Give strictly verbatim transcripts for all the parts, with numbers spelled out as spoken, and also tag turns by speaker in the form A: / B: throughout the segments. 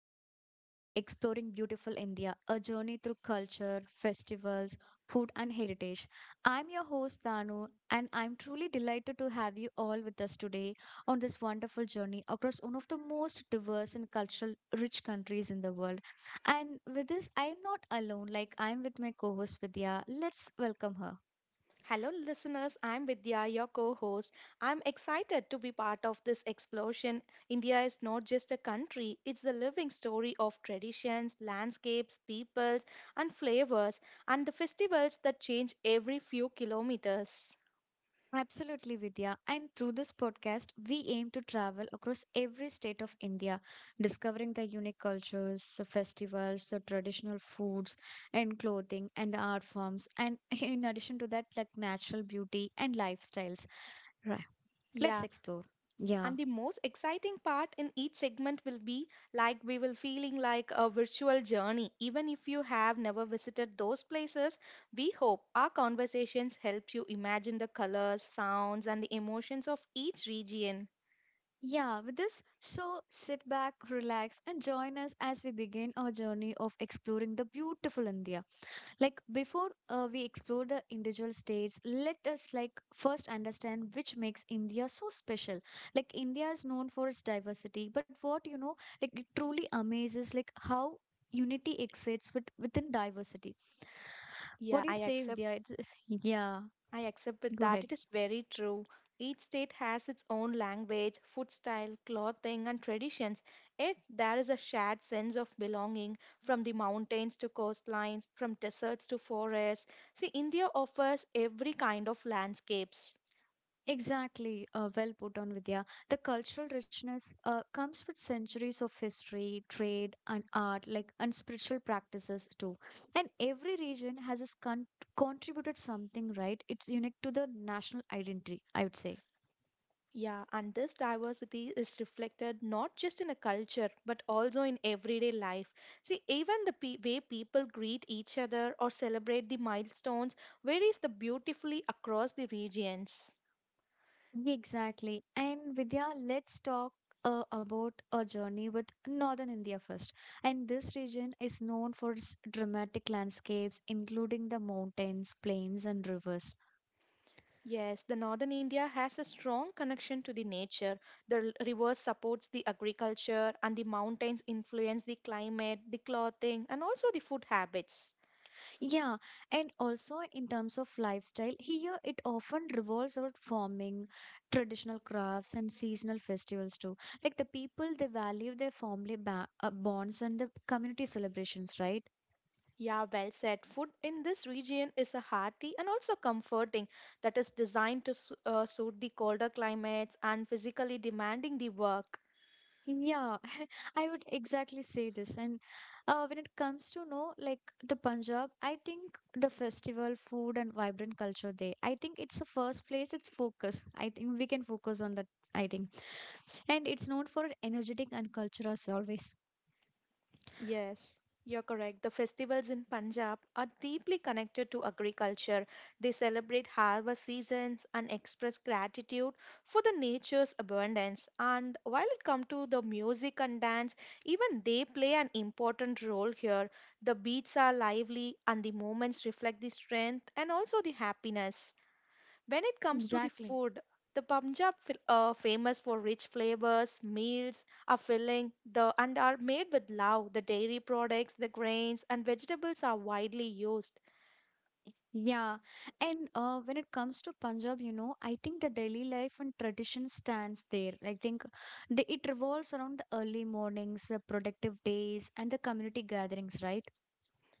A: podcast like Exploring Beautiful India, a journey through culture, festivals, food, and heritage. I'm your host, Danu, and I'm truly delighted to have you all with us today on this wonderful journey across one of the most diverse and cultural rich countries in the world. And with this, I'm not alone, like, I'm with my co host, Vidya. Let's welcome her.
B: Hello, listeners. I'm Vidya, your co host. I'm excited to be part of this explosion. India is not just a country, it's the living story of traditions, landscapes, peoples, and flavors, and the festivals that change every few kilometers.
A: Absolutely, Vidya. And through this podcast, we aim to travel across every state of India, discovering the unique cultures, the festivals, the traditional foods, and clothing, and the art forms. And in addition to that, like natural beauty and lifestyles. Right. Let's
B: Yeah.
A: explore. Yeah.
B: And the most exciting part in each segment will be like we will feeling like a virtual journey. Even if you have never visited those places, we hope our conversations help you imagine the colors, sounds, and the emotions of each region.
A: Yeah, with this, so sit back, relax, and join us as we begin our journey of exploring the beautiful India. Like before uh, we explore the individual states, let us like first understand which makes India so special. Like India is known for its diversity, but what you know, like it truly amazes like how unity exists with, within diversity. What
B: Yeah,
A: do you
B: I
A: say,
B: accept.
A: Vidya? It's, yeah,
B: I accept with
A: go
B: that.
A: ahead.
B: It is very true. Each state has its own language, food style, clothing, and traditions. Yet there is a shared sense of belonging from the mountains to coastlines, from deserts to forests. See, India offers every kind of landscapes.
A: Exactly, uh, well put on, Vidya. The cultural richness uh, comes with centuries of history, trade, and art, like and spiritual practices too. And every region has its con- contributed something, right? It's unique to the national identity, I would say.
B: Yeah, and this diversity is reflected not just in a culture but also in everyday life. See, even the pe- way people greet each other or celebrate the milestones varies the beautifully across the regions.
A: Exactly. And Vidya, let's talk uh, about a journey with northern India first. And this region is known for its dramatic landscapes, including the mountains, plains, and rivers.
B: Yes, the northern India has a strong connection to the nature. The r- rivers supports the agriculture and the mountains influence the climate, the clothing and also the food habits.
A: Yeah, and also in terms of lifestyle, here it often revolves around farming, traditional crafts, and seasonal festivals too. Like the people, they value their family ba uh, bonds and the community celebrations, right?
B: Yeah, well said. Food in this region is a hearty and also comforting that is designed to su- uh, suit the colder climates and physically demanding the work.
A: Yeah, I would exactly say this. And uh, when it comes to know like the Punjab, I think the festival, food, and vibrant culture there. I think it's the first place. It's focus. I think we can focus on that. I think, and it's known for energetic and cultural always.
B: Yes, you're correct. The festivals in Punjab are deeply connected to agriculture. They celebrate harvest seasons and express gratitude for the nature's abundance. And while it comes to the music and dance, even they play an important role here. The beats are lively and the moments reflect the strength and also the happiness. When it comes to the
A: Exactly.
B: food, the Punjab fil- uh, famous for rich flavors, meals are filling, the and are made with love. The dairy products, the grains and vegetables are widely used.
A: Yeah. And uh, when it comes to Punjab, you know, I think the daily life and tradition stands there. I think the, it revolves around the early mornings, the productive days, and the community gatherings, right?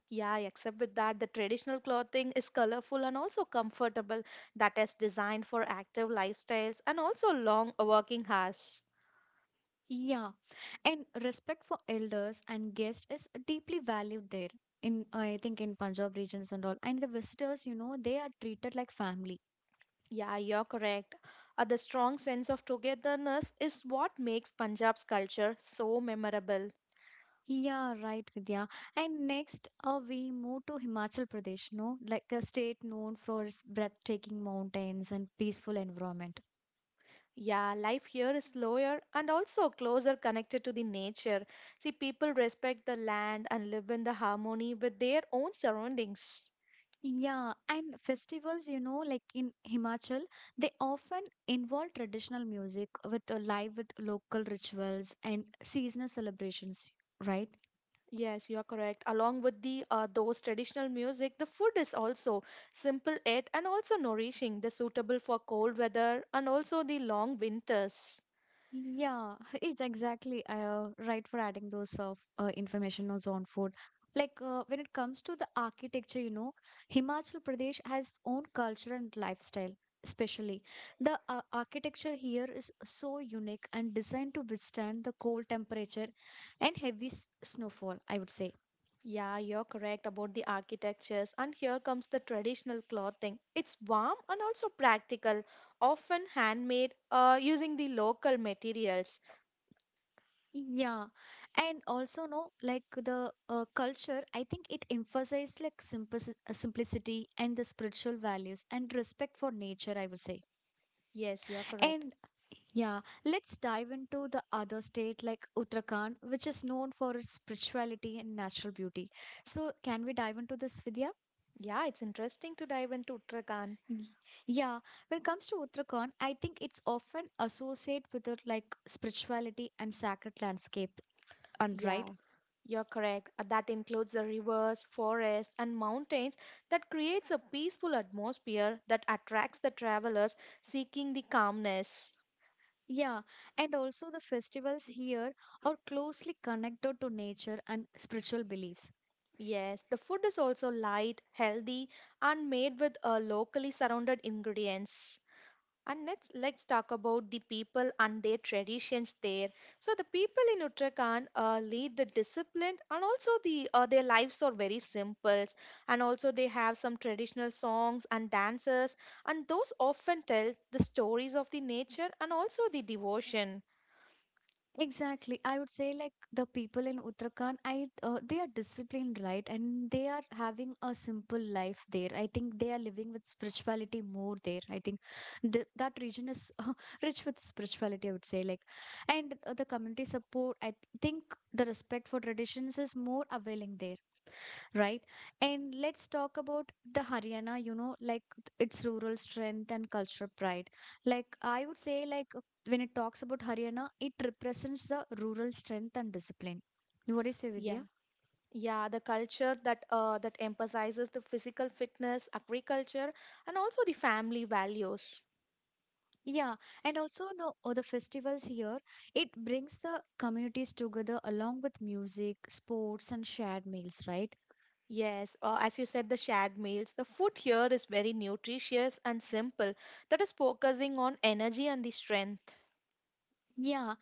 B: Yeah, except with that, the traditional clothing is colorful and also comfortable, that is designed for active lifestyles and also long working hours.
A: Yeah. And respect for elders and guests is deeply valued there. In I think in Punjab regions and all, and the visitors, you know, they are treated like family.
B: Yeah, you're correct. Uh, the strong sense of togetherness is what makes Punjab's culture so memorable.
A: Yeah, right, Vidya. And next, uh, we move to Himachal Pradesh, no? Like a state known for its breathtaking mountains and peaceful environment.
B: Yeah, life here is slower and also closer connected to the nature. See, people respect the land and live in the harmony with their own surroundings.
A: Yeah, and festivals, you know, like in Himachal, they often involve traditional music with uh, live with local rituals and seasonal celebrations, right?
B: Yes, you are correct. Along with the uh, those traditional music, the food is also simple yet and also nourishing, the suitable for cold weather and also the long winters.
A: Yeah, it's exactly uh, right for adding those of uh, information on zone food. Like uh, when it comes to the architecture, you know, Himachal Pradesh has own culture and lifestyle. Especially, the uh, architecture here is so unique and designed to withstand the cold temperature and heavy s- snowfall, I would say.
B: Yeah, you're correct about the architectures. And here comes the traditional clothing. It's warm and also practical, often handmade uh, using the local materials.
A: Yeah, and also no, like the uh, culture, I think it emphasized like simplici- uh, simplicity and the spiritual values and respect for nature, I would say.
B: Yes, you're correct.
A: And yeah, let's dive into the other state like Uttarakhand, which is known for its spirituality and natural beauty. So, can we dive into this, Vidya?
B: Yeah, it's interesting to dive into Uttarakhand.
A: Y- Yeah, when it comes to Uttarakhand, I think it's often associated with the like spirituality and sacred landscape, and right?
B: Yeah, you're correct. Uh, That includes the rivers, forests, and mountains that creates a peaceful atmosphere that attracts the travelers seeking the calmness.
A: Yeah, and also the festivals here are closely connected to nature and spiritual beliefs.
B: Yes, the food is also light, healthy, and made with uh, locally surrounded ingredients. And next, let's talk about the people and their traditions there. So the people in Uttarakhand uh, lead the discipline, and also the uh, their lives are very simple. And also they have some traditional songs and dances, and those often tell the stories of the nature and also the devotion.
A: Exactly, I would say like the people in Uttarakhand, I uh, they are disciplined, right? And they are having a simple life there. I think they are living with spirituality more there. I think th that region is uh, rich with spirituality, I would say. Like, and uh, the community support. I think the respect for traditions is more availing there, right? And let's talk about the Haryana, you know, like its rural strength and cultural pride. Like I would say, like uh, when it talks about Haryana, it represents the rural strength and discipline. What do you say,
B: Yeah.
A: Vidya?
B: Yeah, the culture that uh, that emphasizes the physical fitness, agriculture, and also the family values.
A: Yeah, and also the or the festivals here, it brings the communities together along with music, sports, and shared meals, right?
B: Yes, uh, as you said, the shared meals. The food here is very nutritious and simple. That is focusing on energy and the strength.
A: Yeah.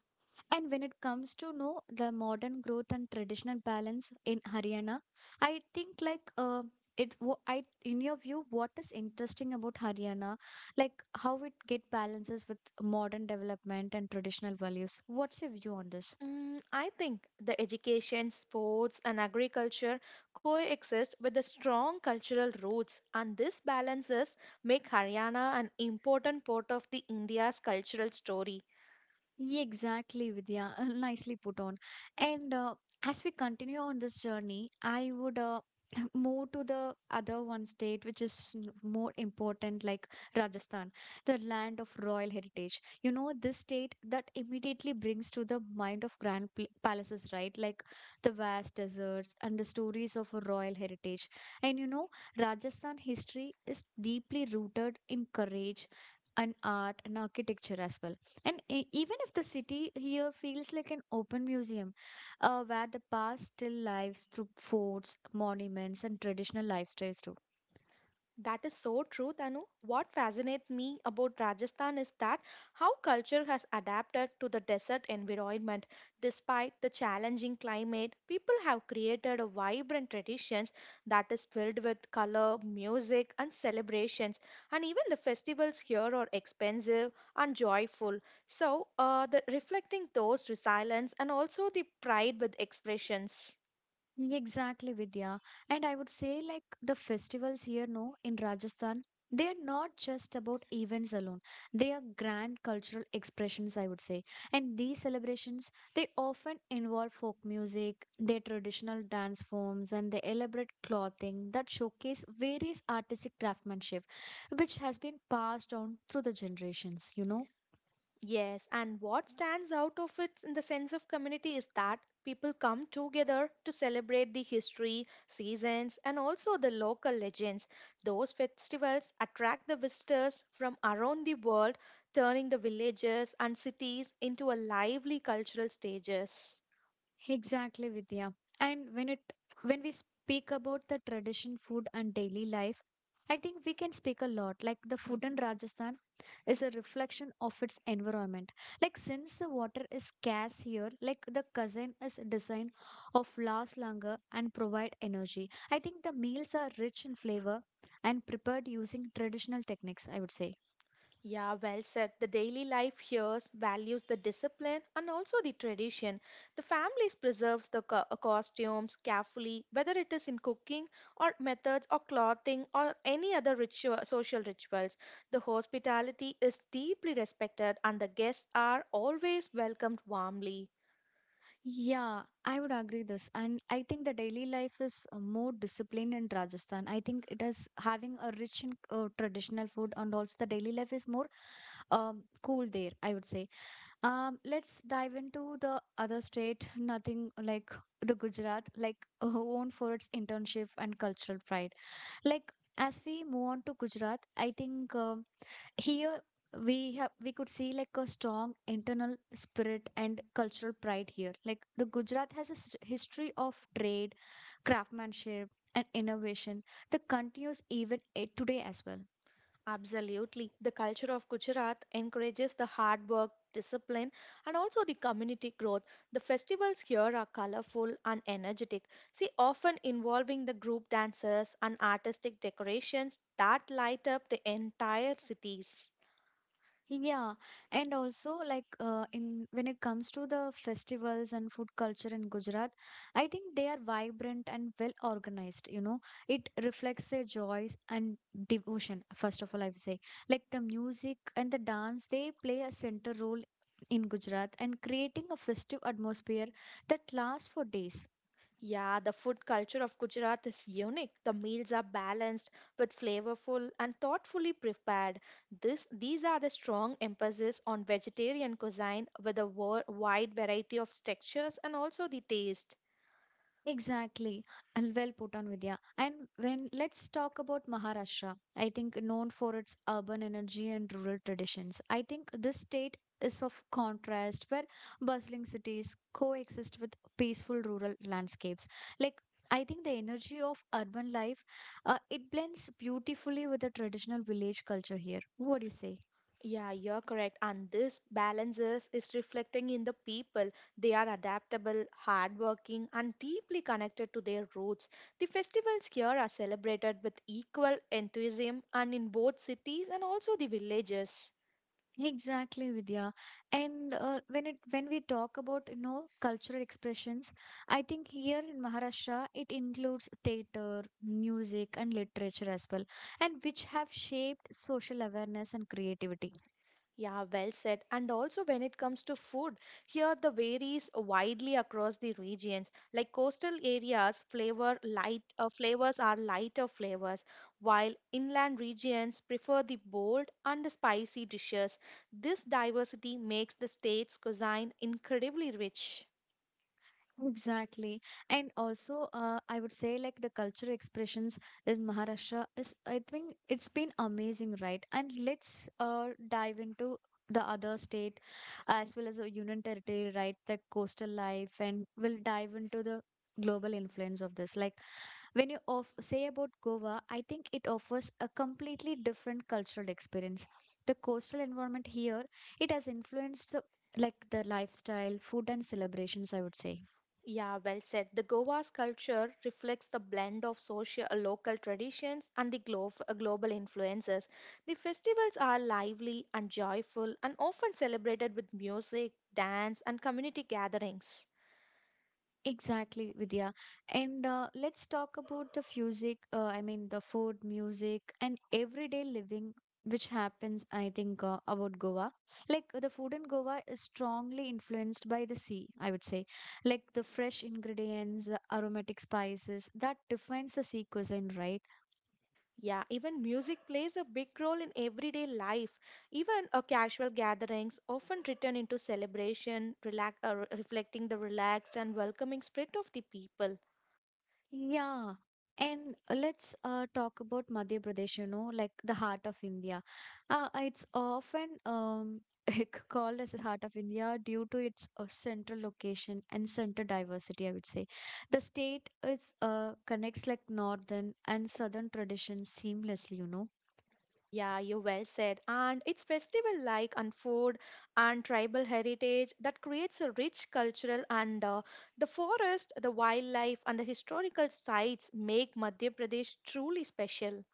A: And when it comes to know the modern growth and traditional balance in Haryana, I think like uh, it. wha- I in your view, what is interesting about Haryana, like how it get balances with modern development and traditional values? What's your view on this?
B: Mm, I think the education, sports, and agriculture coexist with the strong cultural roots, and this balances make Haryana an important part of the India's cultural story.
A: Yeah, exactly, Vidya. Uh, Nicely put on. And uh, as we continue on this journey, I would uh, move to the other one state, which is n- more important, like Rajasthan, the land of royal heritage. You know, this state that immediately brings to the mind of grand pl- palaces, right? Like the vast deserts and the stories of royal heritage. And you know, Rajasthan history is deeply rooted in courage and art and architecture as well, and e- even if the city here feels like an open museum, uh, where the past still lives through forts, monuments, and traditional lifestyles too.
B: That is so true, Tanu. What fascinates me about Rajasthan is that how culture has adapted to the desert environment. Despite the challenging climate, people have created a vibrant traditions that is filled with color, music, and celebrations. And even the festivals here are expensive and joyful. So, uh, the, reflecting those resilience and also the pride with expressions.
A: Exactly, Vidya. And I would say, like, the festivals here, no, in Rajasthan, they are not just about events alone. They are grand cultural expressions, I would say. And these celebrations, they often involve folk music, their traditional dance forms, and the elaborate clothing that showcase various artistic craftsmanship, which has been passed on through the generations, you know.
B: Yes, and what stands out of it in the sense of community is that people come together to celebrate the history, seasons, and also the local legends. Those festivals attract the visitors from around the world, turning the villages and cities into a lively cultural stages.
A: Exactly, Vidya. And when it when we speak about the tradition food and daily life, I think we can speak a lot. Like the food in Rajasthan is a reflection of its environment. Like since the water is scarce here, like the cuisine is designed of last longer and provide energy. I think the meals are rich in flavor and prepared using traditional techniques, I would say.
B: Yeah, well said. The daily life here values the discipline and also the tradition. The families preserves the co- uh, costumes carefully, whether it is in cooking or methods or clothing or any other ritual, social rituals. The hospitality is deeply respected and the guests are always welcomed warmly.
A: Yeah, I would agree this. And I think the daily life is uh, more disciplined in Rajasthan. I think it is having a rich and uh, traditional food, and also the daily life is more um, cool there, I would say. Um, let's dive into the other state, nothing like the Gujarat, like uh, known for its internship and cultural pride. Like, as we move on to Gujarat, I think. Um, here we have we could see like a strong internal spirit and cultural pride here. Like the Gujarat has a s- history of trade, craftsmanship, and innovation that continues even eh, today as well.
B: Absolutely. The culture of Gujarat encourages the hard work, discipline, and also the community growth. The festivals here are colorful and energetic, see, often involving the group dances and artistic decorations that light up the entire cities.
A: Yeah, and also like uh, in when it comes to the festivals and food culture in Gujarat, I think they are vibrant and well organized, you know. It reflects their joys and devotion, first of all, I would say. Like the music and the dance, they play a central role in Gujarat and creating a festive atmosphere that lasts for days.
B: Yeah, the food culture of Gujarat is unique. The meals are balanced with flavorful and thoughtfully prepared. This, these are the strong emphasis on vegetarian cuisine with a wo- wide variety of textures and also the taste.
A: Exactly. And well put on, Vidya. And when let's talk about Maharashtra, I think known for its urban energy and rural traditions. I think this state is of contrast where bustling cities coexist with peaceful rural landscapes. Like I think the energy of urban life, uh, it blends beautifully with the traditional village culture here. What do you say?
B: Yeah, you're correct. And this balances is reflecting in the people. They are adaptable, hardworking, and deeply connected to their roots. The festivals here are celebrated with equal enthusiasm and in both cities and also the villages.
A: Exactly, Vidya. And uh, when it when we talk about, you know, cultural expressions, I think here in Maharashtra it includes theater, music, and literature as well, and which have shaped social awareness and creativity.
B: Yeah, well said. And also, when it comes to food, here the varies widely across the regions. Like coastal areas, flavor light uh, flavors are lighter flavors, while inland regions prefer the bold and the spicy dishes. This diversity makes the state's cuisine incredibly rich.
A: Exactly. And also, uh, I would say like the cultural expressions is Maharashtra is, I think it's been amazing, right? And let's uh, dive into the other state as well as the Union Territory, right? The coastal life, and we'll dive into the global influence of this. Like when you of say about Goa, I think it offers a completely different cultural experience. The coastal environment here, it has influenced the, like the lifestyle, food, and celebrations, I would say.
B: Yeah, well said. The Goa's culture reflects the blend of social, uh, local traditions and the glo- uh, global influences. The festivals are lively and joyful and often celebrated with music, dance, and community gatherings.
A: Exactly, Vidya. And uh, let's talk about the music, uh, I mean, the food, music, and everyday living, which happens, I think, uh, about Goa. Like, the food in Goa is strongly influenced by the sea, I would say. Like, the fresh ingredients, the aromatic spices, that defines the sea cuisine, right?
B: Yeah, even music plays a big role in everyday life. Even a casual gatherings often return into celebration, relax, uh, re- reflecting the relaxed and welcoming spirit of the people.
A: Yeah. And let's uh, talk about Madhya Pradesh, you know, like the heart of India. Uh, it's often um, called as the heart of India due to its uh, central location and center diversity, I would say. The state is uh, connects like northern and southern traditions seamlessly, you know.
B: Yeah, you well said. And it's festival like and food and tribal heritage that creates a rich cultural and uh, the forest, the wildlife and the historical sites make Madhya Pradesh truly special.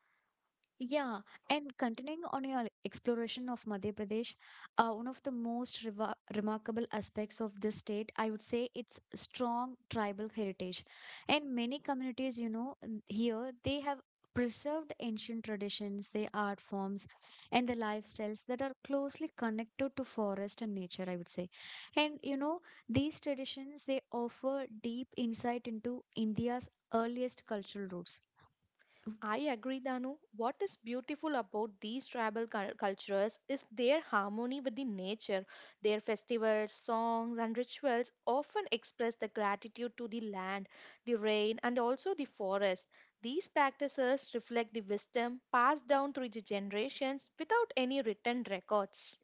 A: Yeah, and continuing on your exploration of Madhya Pradesh, uh, one of the most reva remarkable aspects of this state, I would say, its strong tribal heritage. And many communities, you know, n- here they have preserved ancient traditions, their art forms, and the lifestyles that are closely connected to forest and nature, I would say. And you know, these traditions they offer deep insight into India's earliest cultural roots.
B: I agree, Danu. What is beautiful about these tribal cul- cultures is their harmony with the nature. Their festivals, songs, and rituals often express the gratitude to the land, the rain, and also the forest. These practices reflect the wisdom passed down through the generations without any written records.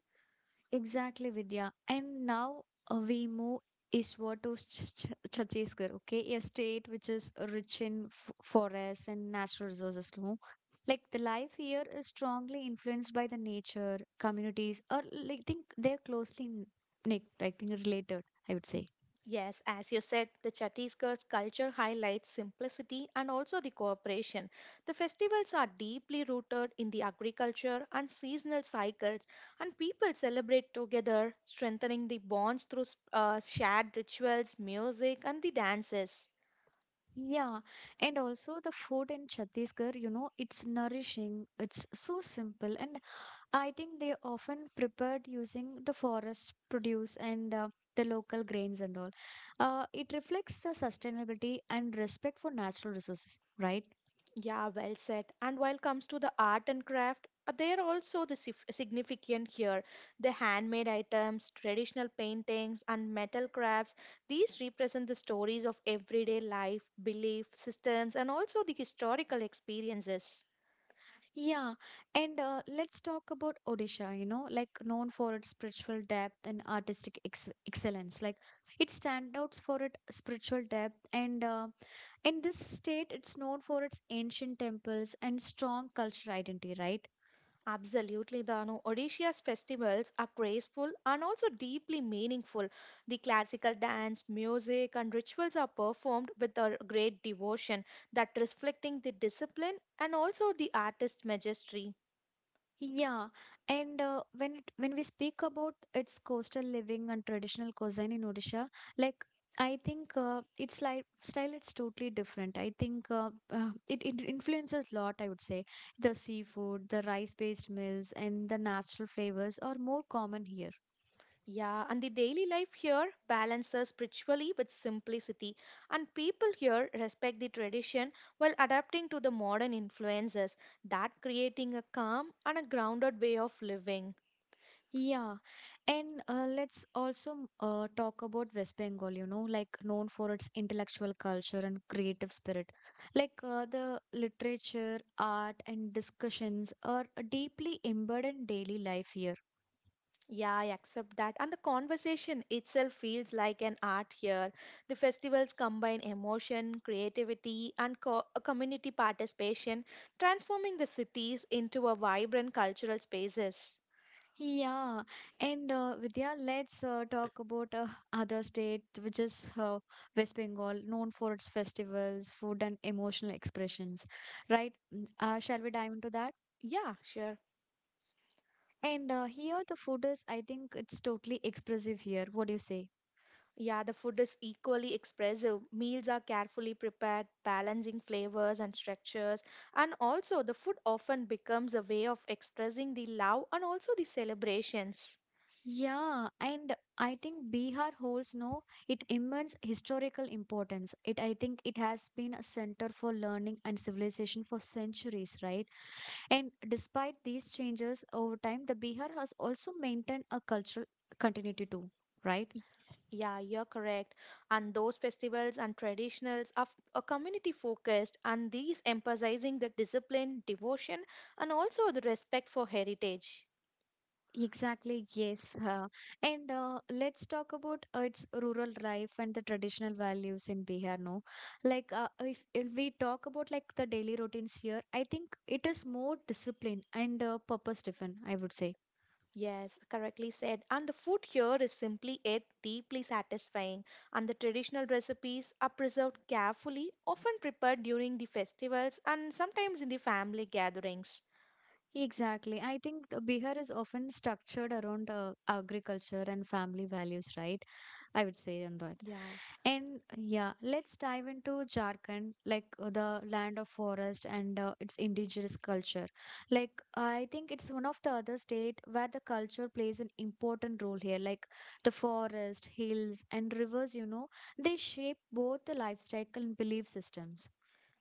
A: Exactly, Vidya. And now uh, we move eastward to Ch- Ch- Chhattisgarh, okay? A state which is rich in f- forests and natural resources, no? Like the life here is strongly influenced by the nature, communities, or like think they're closely n- like, I think related, I would say.
B: Yes, as you said, the Chhattisgarh's culture highlights simplicity and also the cooperation. The festivals are deeply rooted in the agriculture and seasonal cycles, and people celebrate together, strengthening the bonds through s- uh, shared rituals, music, and the dances.
A: Yeah, and also the food in Chhattisgarh, you know, it's nourishing, it's so simple, and I think they often prepared using the forest produce and uh, the local grains and all. Uh, it reflects the sustainability and respect for natural resources, right?
B: Yeah, well said. And while comes to the art and craft, uh, they are also the sif- significant here. The handmade items, traditional paintings, and metal crafts. These represent the stories of everyday life, belief systems, and also the historical experiences.
A: Yeah, and uh, let's talk about Odisha, you know, like known for its spiritual depth and artistic ex excellence. Like it stands out for its spiritual depth, and uh, in this state, it's known for its ancient temples and strong cultural identity, right?
B: Absolutely, Danu. Odisha's festivals are graceful and also deeply meaningful. The classical dance, music, and rituals are performed with a great devotion that reflecting the discipline and also the artist's majesty.
A: Yeah, and uh, when it, when we speak about its coastal living and traditional cuisine in Odisha, like I think uh, its lifestyle it's totally different. I think uh, uh, it, it influences a lot. I would say the seafood, the rice-based meals, and the natural flavors are more common here.
B: Yeah, and the daily life here balances spiritually with simplicity, and people here respect the tradition while adapting to the modern influences, that creating a calm and a grounded way of living.
A: Yeah, and uh, let's also uh, talk about West Bengal, you know, like known for its intellectual culture and creative spirit. Like uh, the literature, art, and discussions are deeply embedded in daily life here.
B: Yeah, I accept that. And the conversation itself feels like an art here. The festivals combine emotion, creativity, and co- uh, community participation, transforming the cities into a vibrant cultural spaces.
A: Yeah, and uh, Vidya, let's uh, talk about uh, other state, which is uh, West Bengal, known for its festivals, food, and emotional expressions, right? Mm, Uh, shall we dive into that?
B: Yeah, sure.
A: And uh, here the food is, I think it's totally expressive here. What do you say?
B: Yeah, the food is equally expressive. Meals are carefully prepared, balancing flavors and structures. And also, the food often becomes a way of expressing the love and also the celebrations.
A: Yeah, and I think Bihar holds no it immense historical importance. It I think it has been a center for learning and civilization for centuries, right? And despite these changes over time, the Bihar has also maintained a cultural continuity too, right?
B: Yeah, you're correct. And those festivals and traditionals are, f- are community focused, and these emphasizing the discipline, devotion, and also the respect for heritage.
A: Exactly, yes. Uh, and uh, Let's talk about uh, its rural life and the traditional values in Bihar. No, like uh, if, if we talk about like the daily routines here, I think it is more disciplined and uh, purpose-driven, I would say.
B: Yes, correctly said. And the food here is simply yet deeply satisfying, and the traditional recipes are preserved carefully, often prepared during the festivals and sometimes in the family gatherings.
A: Exactly. I think uh, Bihar is often structured around uh, agriculture and family values, right? I would say, Anbar.
B: Yeah.
A: And uh, yeah, let's dive into Jharkhand, like uh, the land of forest and uh, its indigenous culture. Like I think it's one of the other state where the culture plays an important role here. Like the forest, hills, and rivers, you know, they shape both the lifestyle and belief systems.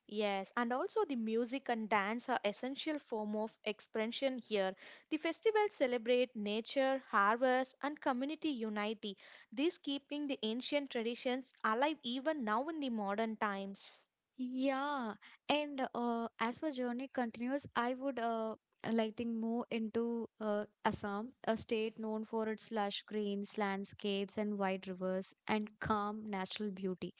B: Yes, and also the music and dance are essential form of expression here. The festivals celebrate nature, harvest, and community unity, these keeping the ancient traditions alive even now in the modern times.
A: Yeah, and uh, as my journey continues, I would uh, lighting more into uh, Assam, a state known for its lush greens, landscapes, and wide rivers and calm natural beauty.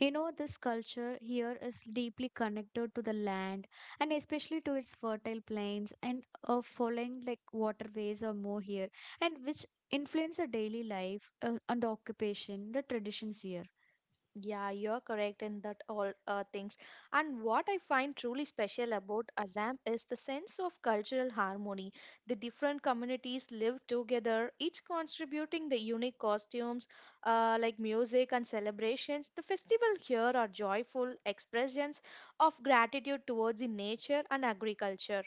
A: You know, this culture here is deeply connected to the land and especially to its fertile plains and uh, following like waterways or more here, and which influence the daily life uh, and the occupation, the traditions here.
B: Yeah, you're correct in that all uh, things. And what I find truly special about Assam is the sense of cultural harmony. The different communities live together, each contributing the unique costumes uh, like music and celebrations. The festival here are joyful expressions of gratitude towards the nature and agriculture.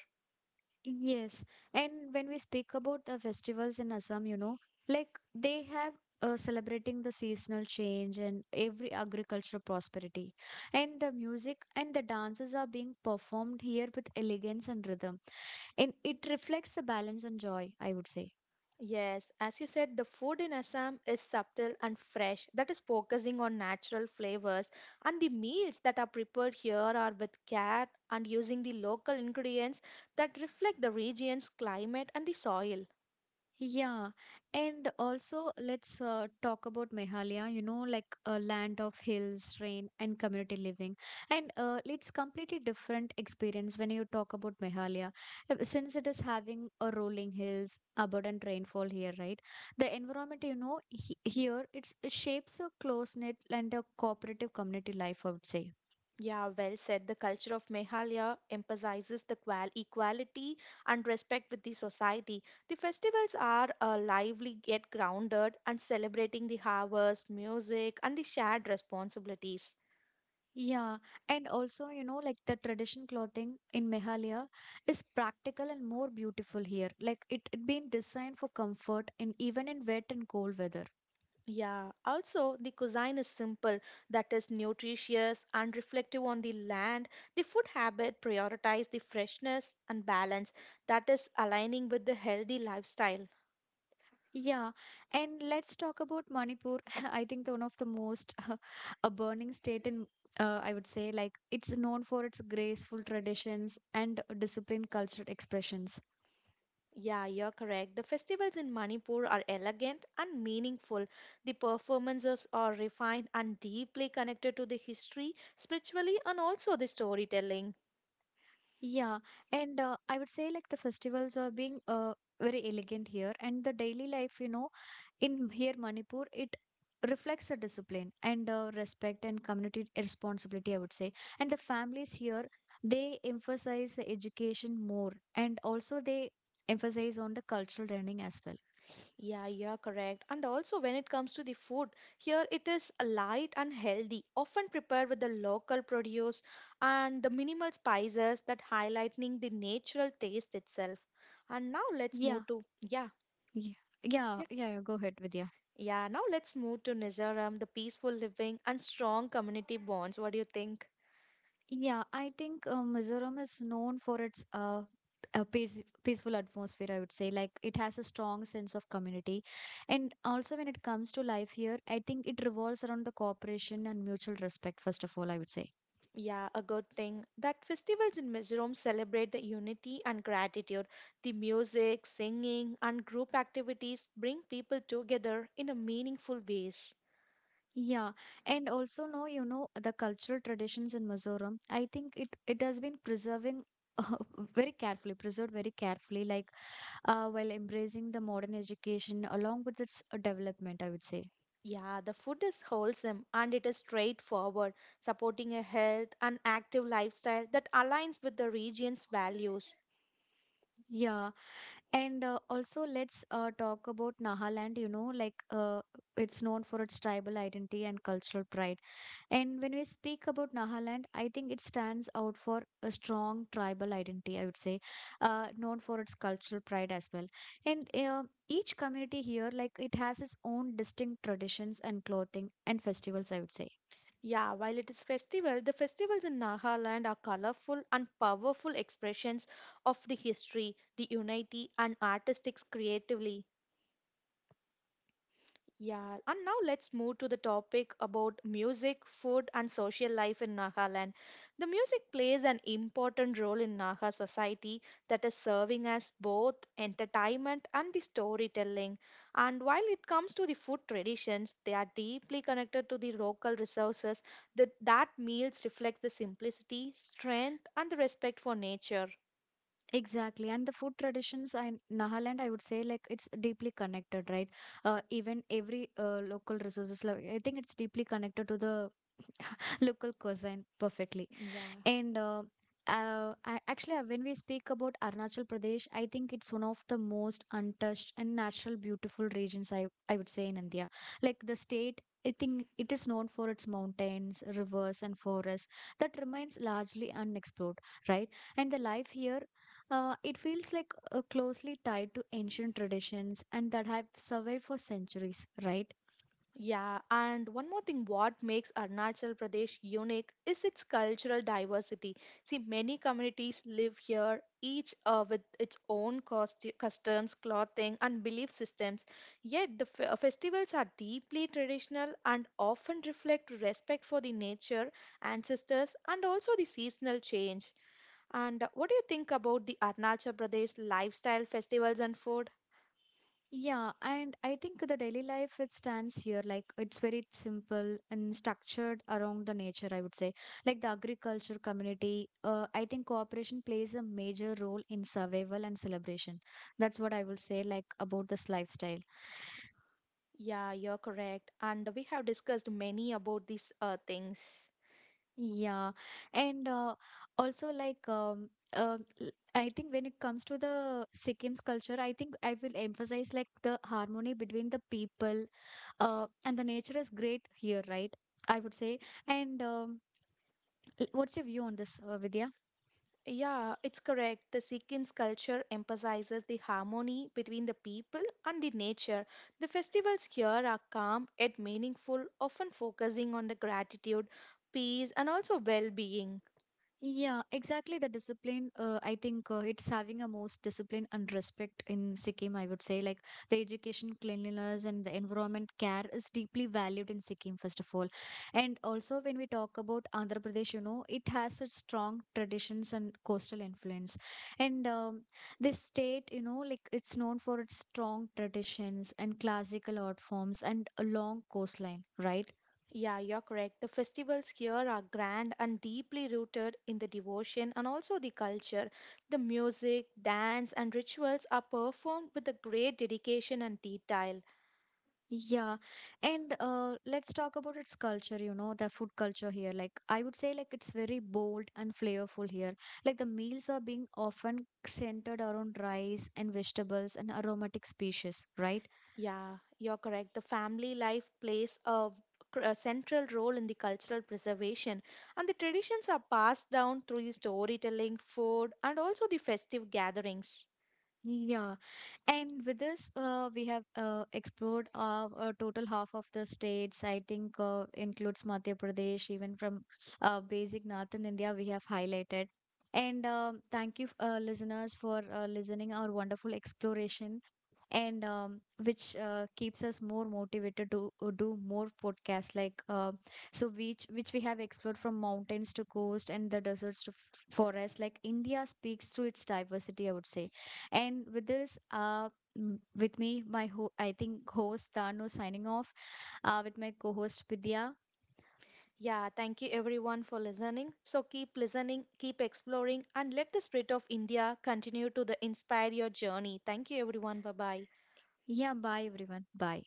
A: Yes, and when we speak about the festivals in Assam, you know, like they have uh, celebrating the seasonal change and every agricultural prosperity, and the music and the dances are being performed here with elegance and rhythm, and it reflects the balance and joy, I would say.
B: Yes, as you said, the food in Assam is subtle and fresh, that is focusing on natural flavors. And the meals that are prepared here are with care and using the local ingredients that reflect the region's climate and the soil.
A: Yeah, and also let's uh, talk about Meghalaya, you know, like a land of hills, rain, and community living. And uh, it's completely different experience when you talk about Meghalaya. Uh, since it is having a rolling hills, abundant rainfall here, right? The environment, you know, he here it's, it shapes a close-knit and a cooperative community life, I would say.
B: Yeah, well said. The culture of Meghalaya emphasizes the qual- equality and respect with the society. The festivals are uh, lively yet grounded and celebrating the harvest, music, and the shared responsibilities.
A: Yeah, and also, you know, like the tradition clothing in Meghalaya is practical and more beautiful here. Like it, it been designed for comfort and even in wet and cold weather.
B: Yeah, also the cuisine is simple, that is nutritious and reflective on the land. The food habit prioritize the freshness and balance, that is aligning with the healthy lifestyle.
A: Yeah, and let's talk about Manipur. I think the one of the most a burning state in uh, I would say like it's known for its graceful traditions and disciplined cultural expressions.
B: Yeah, you're correct. The festivals in Manipur are elegant and meaningful. The performances are refined and deeply connected to the history, spiritually, and also the storytelling.
A: Yeah, and uh, I would say like the festivals are being uh, very elegant here, and the daily life, you know, in here Manipur, it reflects the discipline and uh, respect and community responsibility, I would say. And the families here, they emphasize the education more, and also they emphasize on the cultural learning as well.
B: Yeah, you're correct. And also, when it comes to the food, here it is light and healthy, often prepared with the local produce and the minimal spices that highlighting the natural taste itself. And now let's
A: Yeah,
B: move to yeah,
A: yeah, yeah,
B: yeah,
A: yeah, yeah, go ahead, Vidya.
B: yeah. Now let's move to Mizoram, the peaceful living and strong community bonds. What do you think?
A: Yeah, I think uh, Mizoram is known for its uh, a peace, peaceful atmosphere, I would say. Like it has a strong sense of community. And also, when it comes to life here, I think it revolves around the cooperation and mutual respect, first of all, I would say.
B: Yeah, a good thing that festivals in Mizoram celebrate the unity and gratitude. The music, singing, and group activities bring people together in a meaningful ways.
A: Yeah, and also no, you know the cultural traditions in Mizoram. I think it it has been preserving very carefully, preserved very carefully, like uh, while embracing the modern education along with its uh, development, I would say.
B: Yeah, the food is wholesome and it is straightforward, supporting a health and active lifestyle that aligns with the region's values.
A: Yeah, and uh, also, let's uh, talk about Nahaland. You know, like uh, it's known for its tribal identity and cultural pride. And when we speak about Nahaland, I think it stands out for a strong tribal identity, I would say, uh, known for its cultural pride as well. And uh, each community here, like it has its own distinct traditions and clothing and festivals, I would say.
B: Yeah, while it is festival, the festivals in Nagaland are colorful and powerful expressions of the history, the unity, and artistics creatively. Yeah, and now let's move to the topic about music, food, and social life in Nagaland. The music plays an important role in Naga society that is serving as both entertainment and the storytelling. And while it comes to the food traditions, they are deeply connected to the local resources that, that meals reflect the simplicity, strength, and the respect for nature.
A: Exactly. And the food traditions in Nagaland, I would say, like it's deeply connected, right? Uh, even every uh, local resources, like, I think it's deeply connected to the local cuisine perfectly.
B: Yeah.
A: And uh, uh, I- actually, uh, when we speak about Arunachal Pradesh, I think it's one of the most untouched and natural, beautiful regions I, I would say in India. Like the state, I think it is known for its mountains, rivers, and forests that remains largely unexplored, right? And the life here, uh, it feels like uh, closely tied to ancient traditions and that have survived for centuries, right?
B: Yeah, and one more thing, what makes Arunachal Pradesh unique is its cultural diversity. See, many communities live here, each uh, with its own costu- customs, clothing, and belief systems. Yet, the f- festivals are deeply traditional and often reflect respect for the nature, ancestors, and also the seasonal change. And uh, What do you think about the Arunachal Pradesh lifestyle, festivals, and food?
A: Yeah, and I think the daily life it stands here like it's very simple and structured around the nature, I would say. Like the agriculture community, uh, I think cooperation plays a major role in survival and celebration. That's what I will say like about this lifestyle.
B: Yeah, you're correct. And we have discussed many about these uh, things.
A: Yeah, and uh, also like um, uh, l- I think when it comes to the Sikkim's culture, I think I will emphasize like the harmony between the people uh, and the nature is great here, right, I would say, and um, l- what's your view on this, uh, Vidya?
B: Yeah, it's correct. The Sikkim's culture emphasizes the harmony between the people and the nature. The festivals here are calm yet meaningful, often focusing on the gratitude, peace, and also well being.
A: Yeah, exactly. The discipline, uh, I think uh, it's having a most discipline and respect in Sikkim, I would say. Like the education, cleanliness, and the environment care is deeply valued in Sikkim, first of all. And also, when we talk about Andhra Pradesh, you know, it has its strong traditions and coastal influence. And um, this state, you know, like it's known for its strong traditions and classical art forms and a long coastline, right?
B: Yeah, you're correct. The festivals here are grand and deeply rooted in the devotion and also the culture. The music, dance, and rituals are performed with a great dedication and detail.
A: Yeah. And uh, let's talk about its culture, you know, the food culture here. Like, I would say, like, it's very bold and flavorful here. Like, the meals are being often centered around rice and vegetables and aromatic species, right?
B: Yeah, you're correct. The family life plays a, cr- a central role in the cultural preservation, and the traditions are passed down through the storytelling, food, and also the festive gatherings.
A: Yeah, and with this, uh, we have uh, explored uh, a total half of the states. I think uh, includes Madhya Pradesh, even from uh, basic northern India, we have highlighted. And um thank you, uh, listeners, for uh, listening our wonderful exploration and um, which uh, keeps us more motivated to uh, do more podcasts like uh, so which which we have explored from mountains to coast and the deserts to f- forest, like India speaks through its diversity, I would say. And with this, uh m- with me, my ho- I think host Tanu signing off, uh, with my co-host Vidya.
B: Yeah, thank you everyone for listening. So keep listening, keep exploring, and let the spirit of India continue to the inspire your journey. Thank you everyone. Bye bye.
A: Yeah, bye everyone, bye.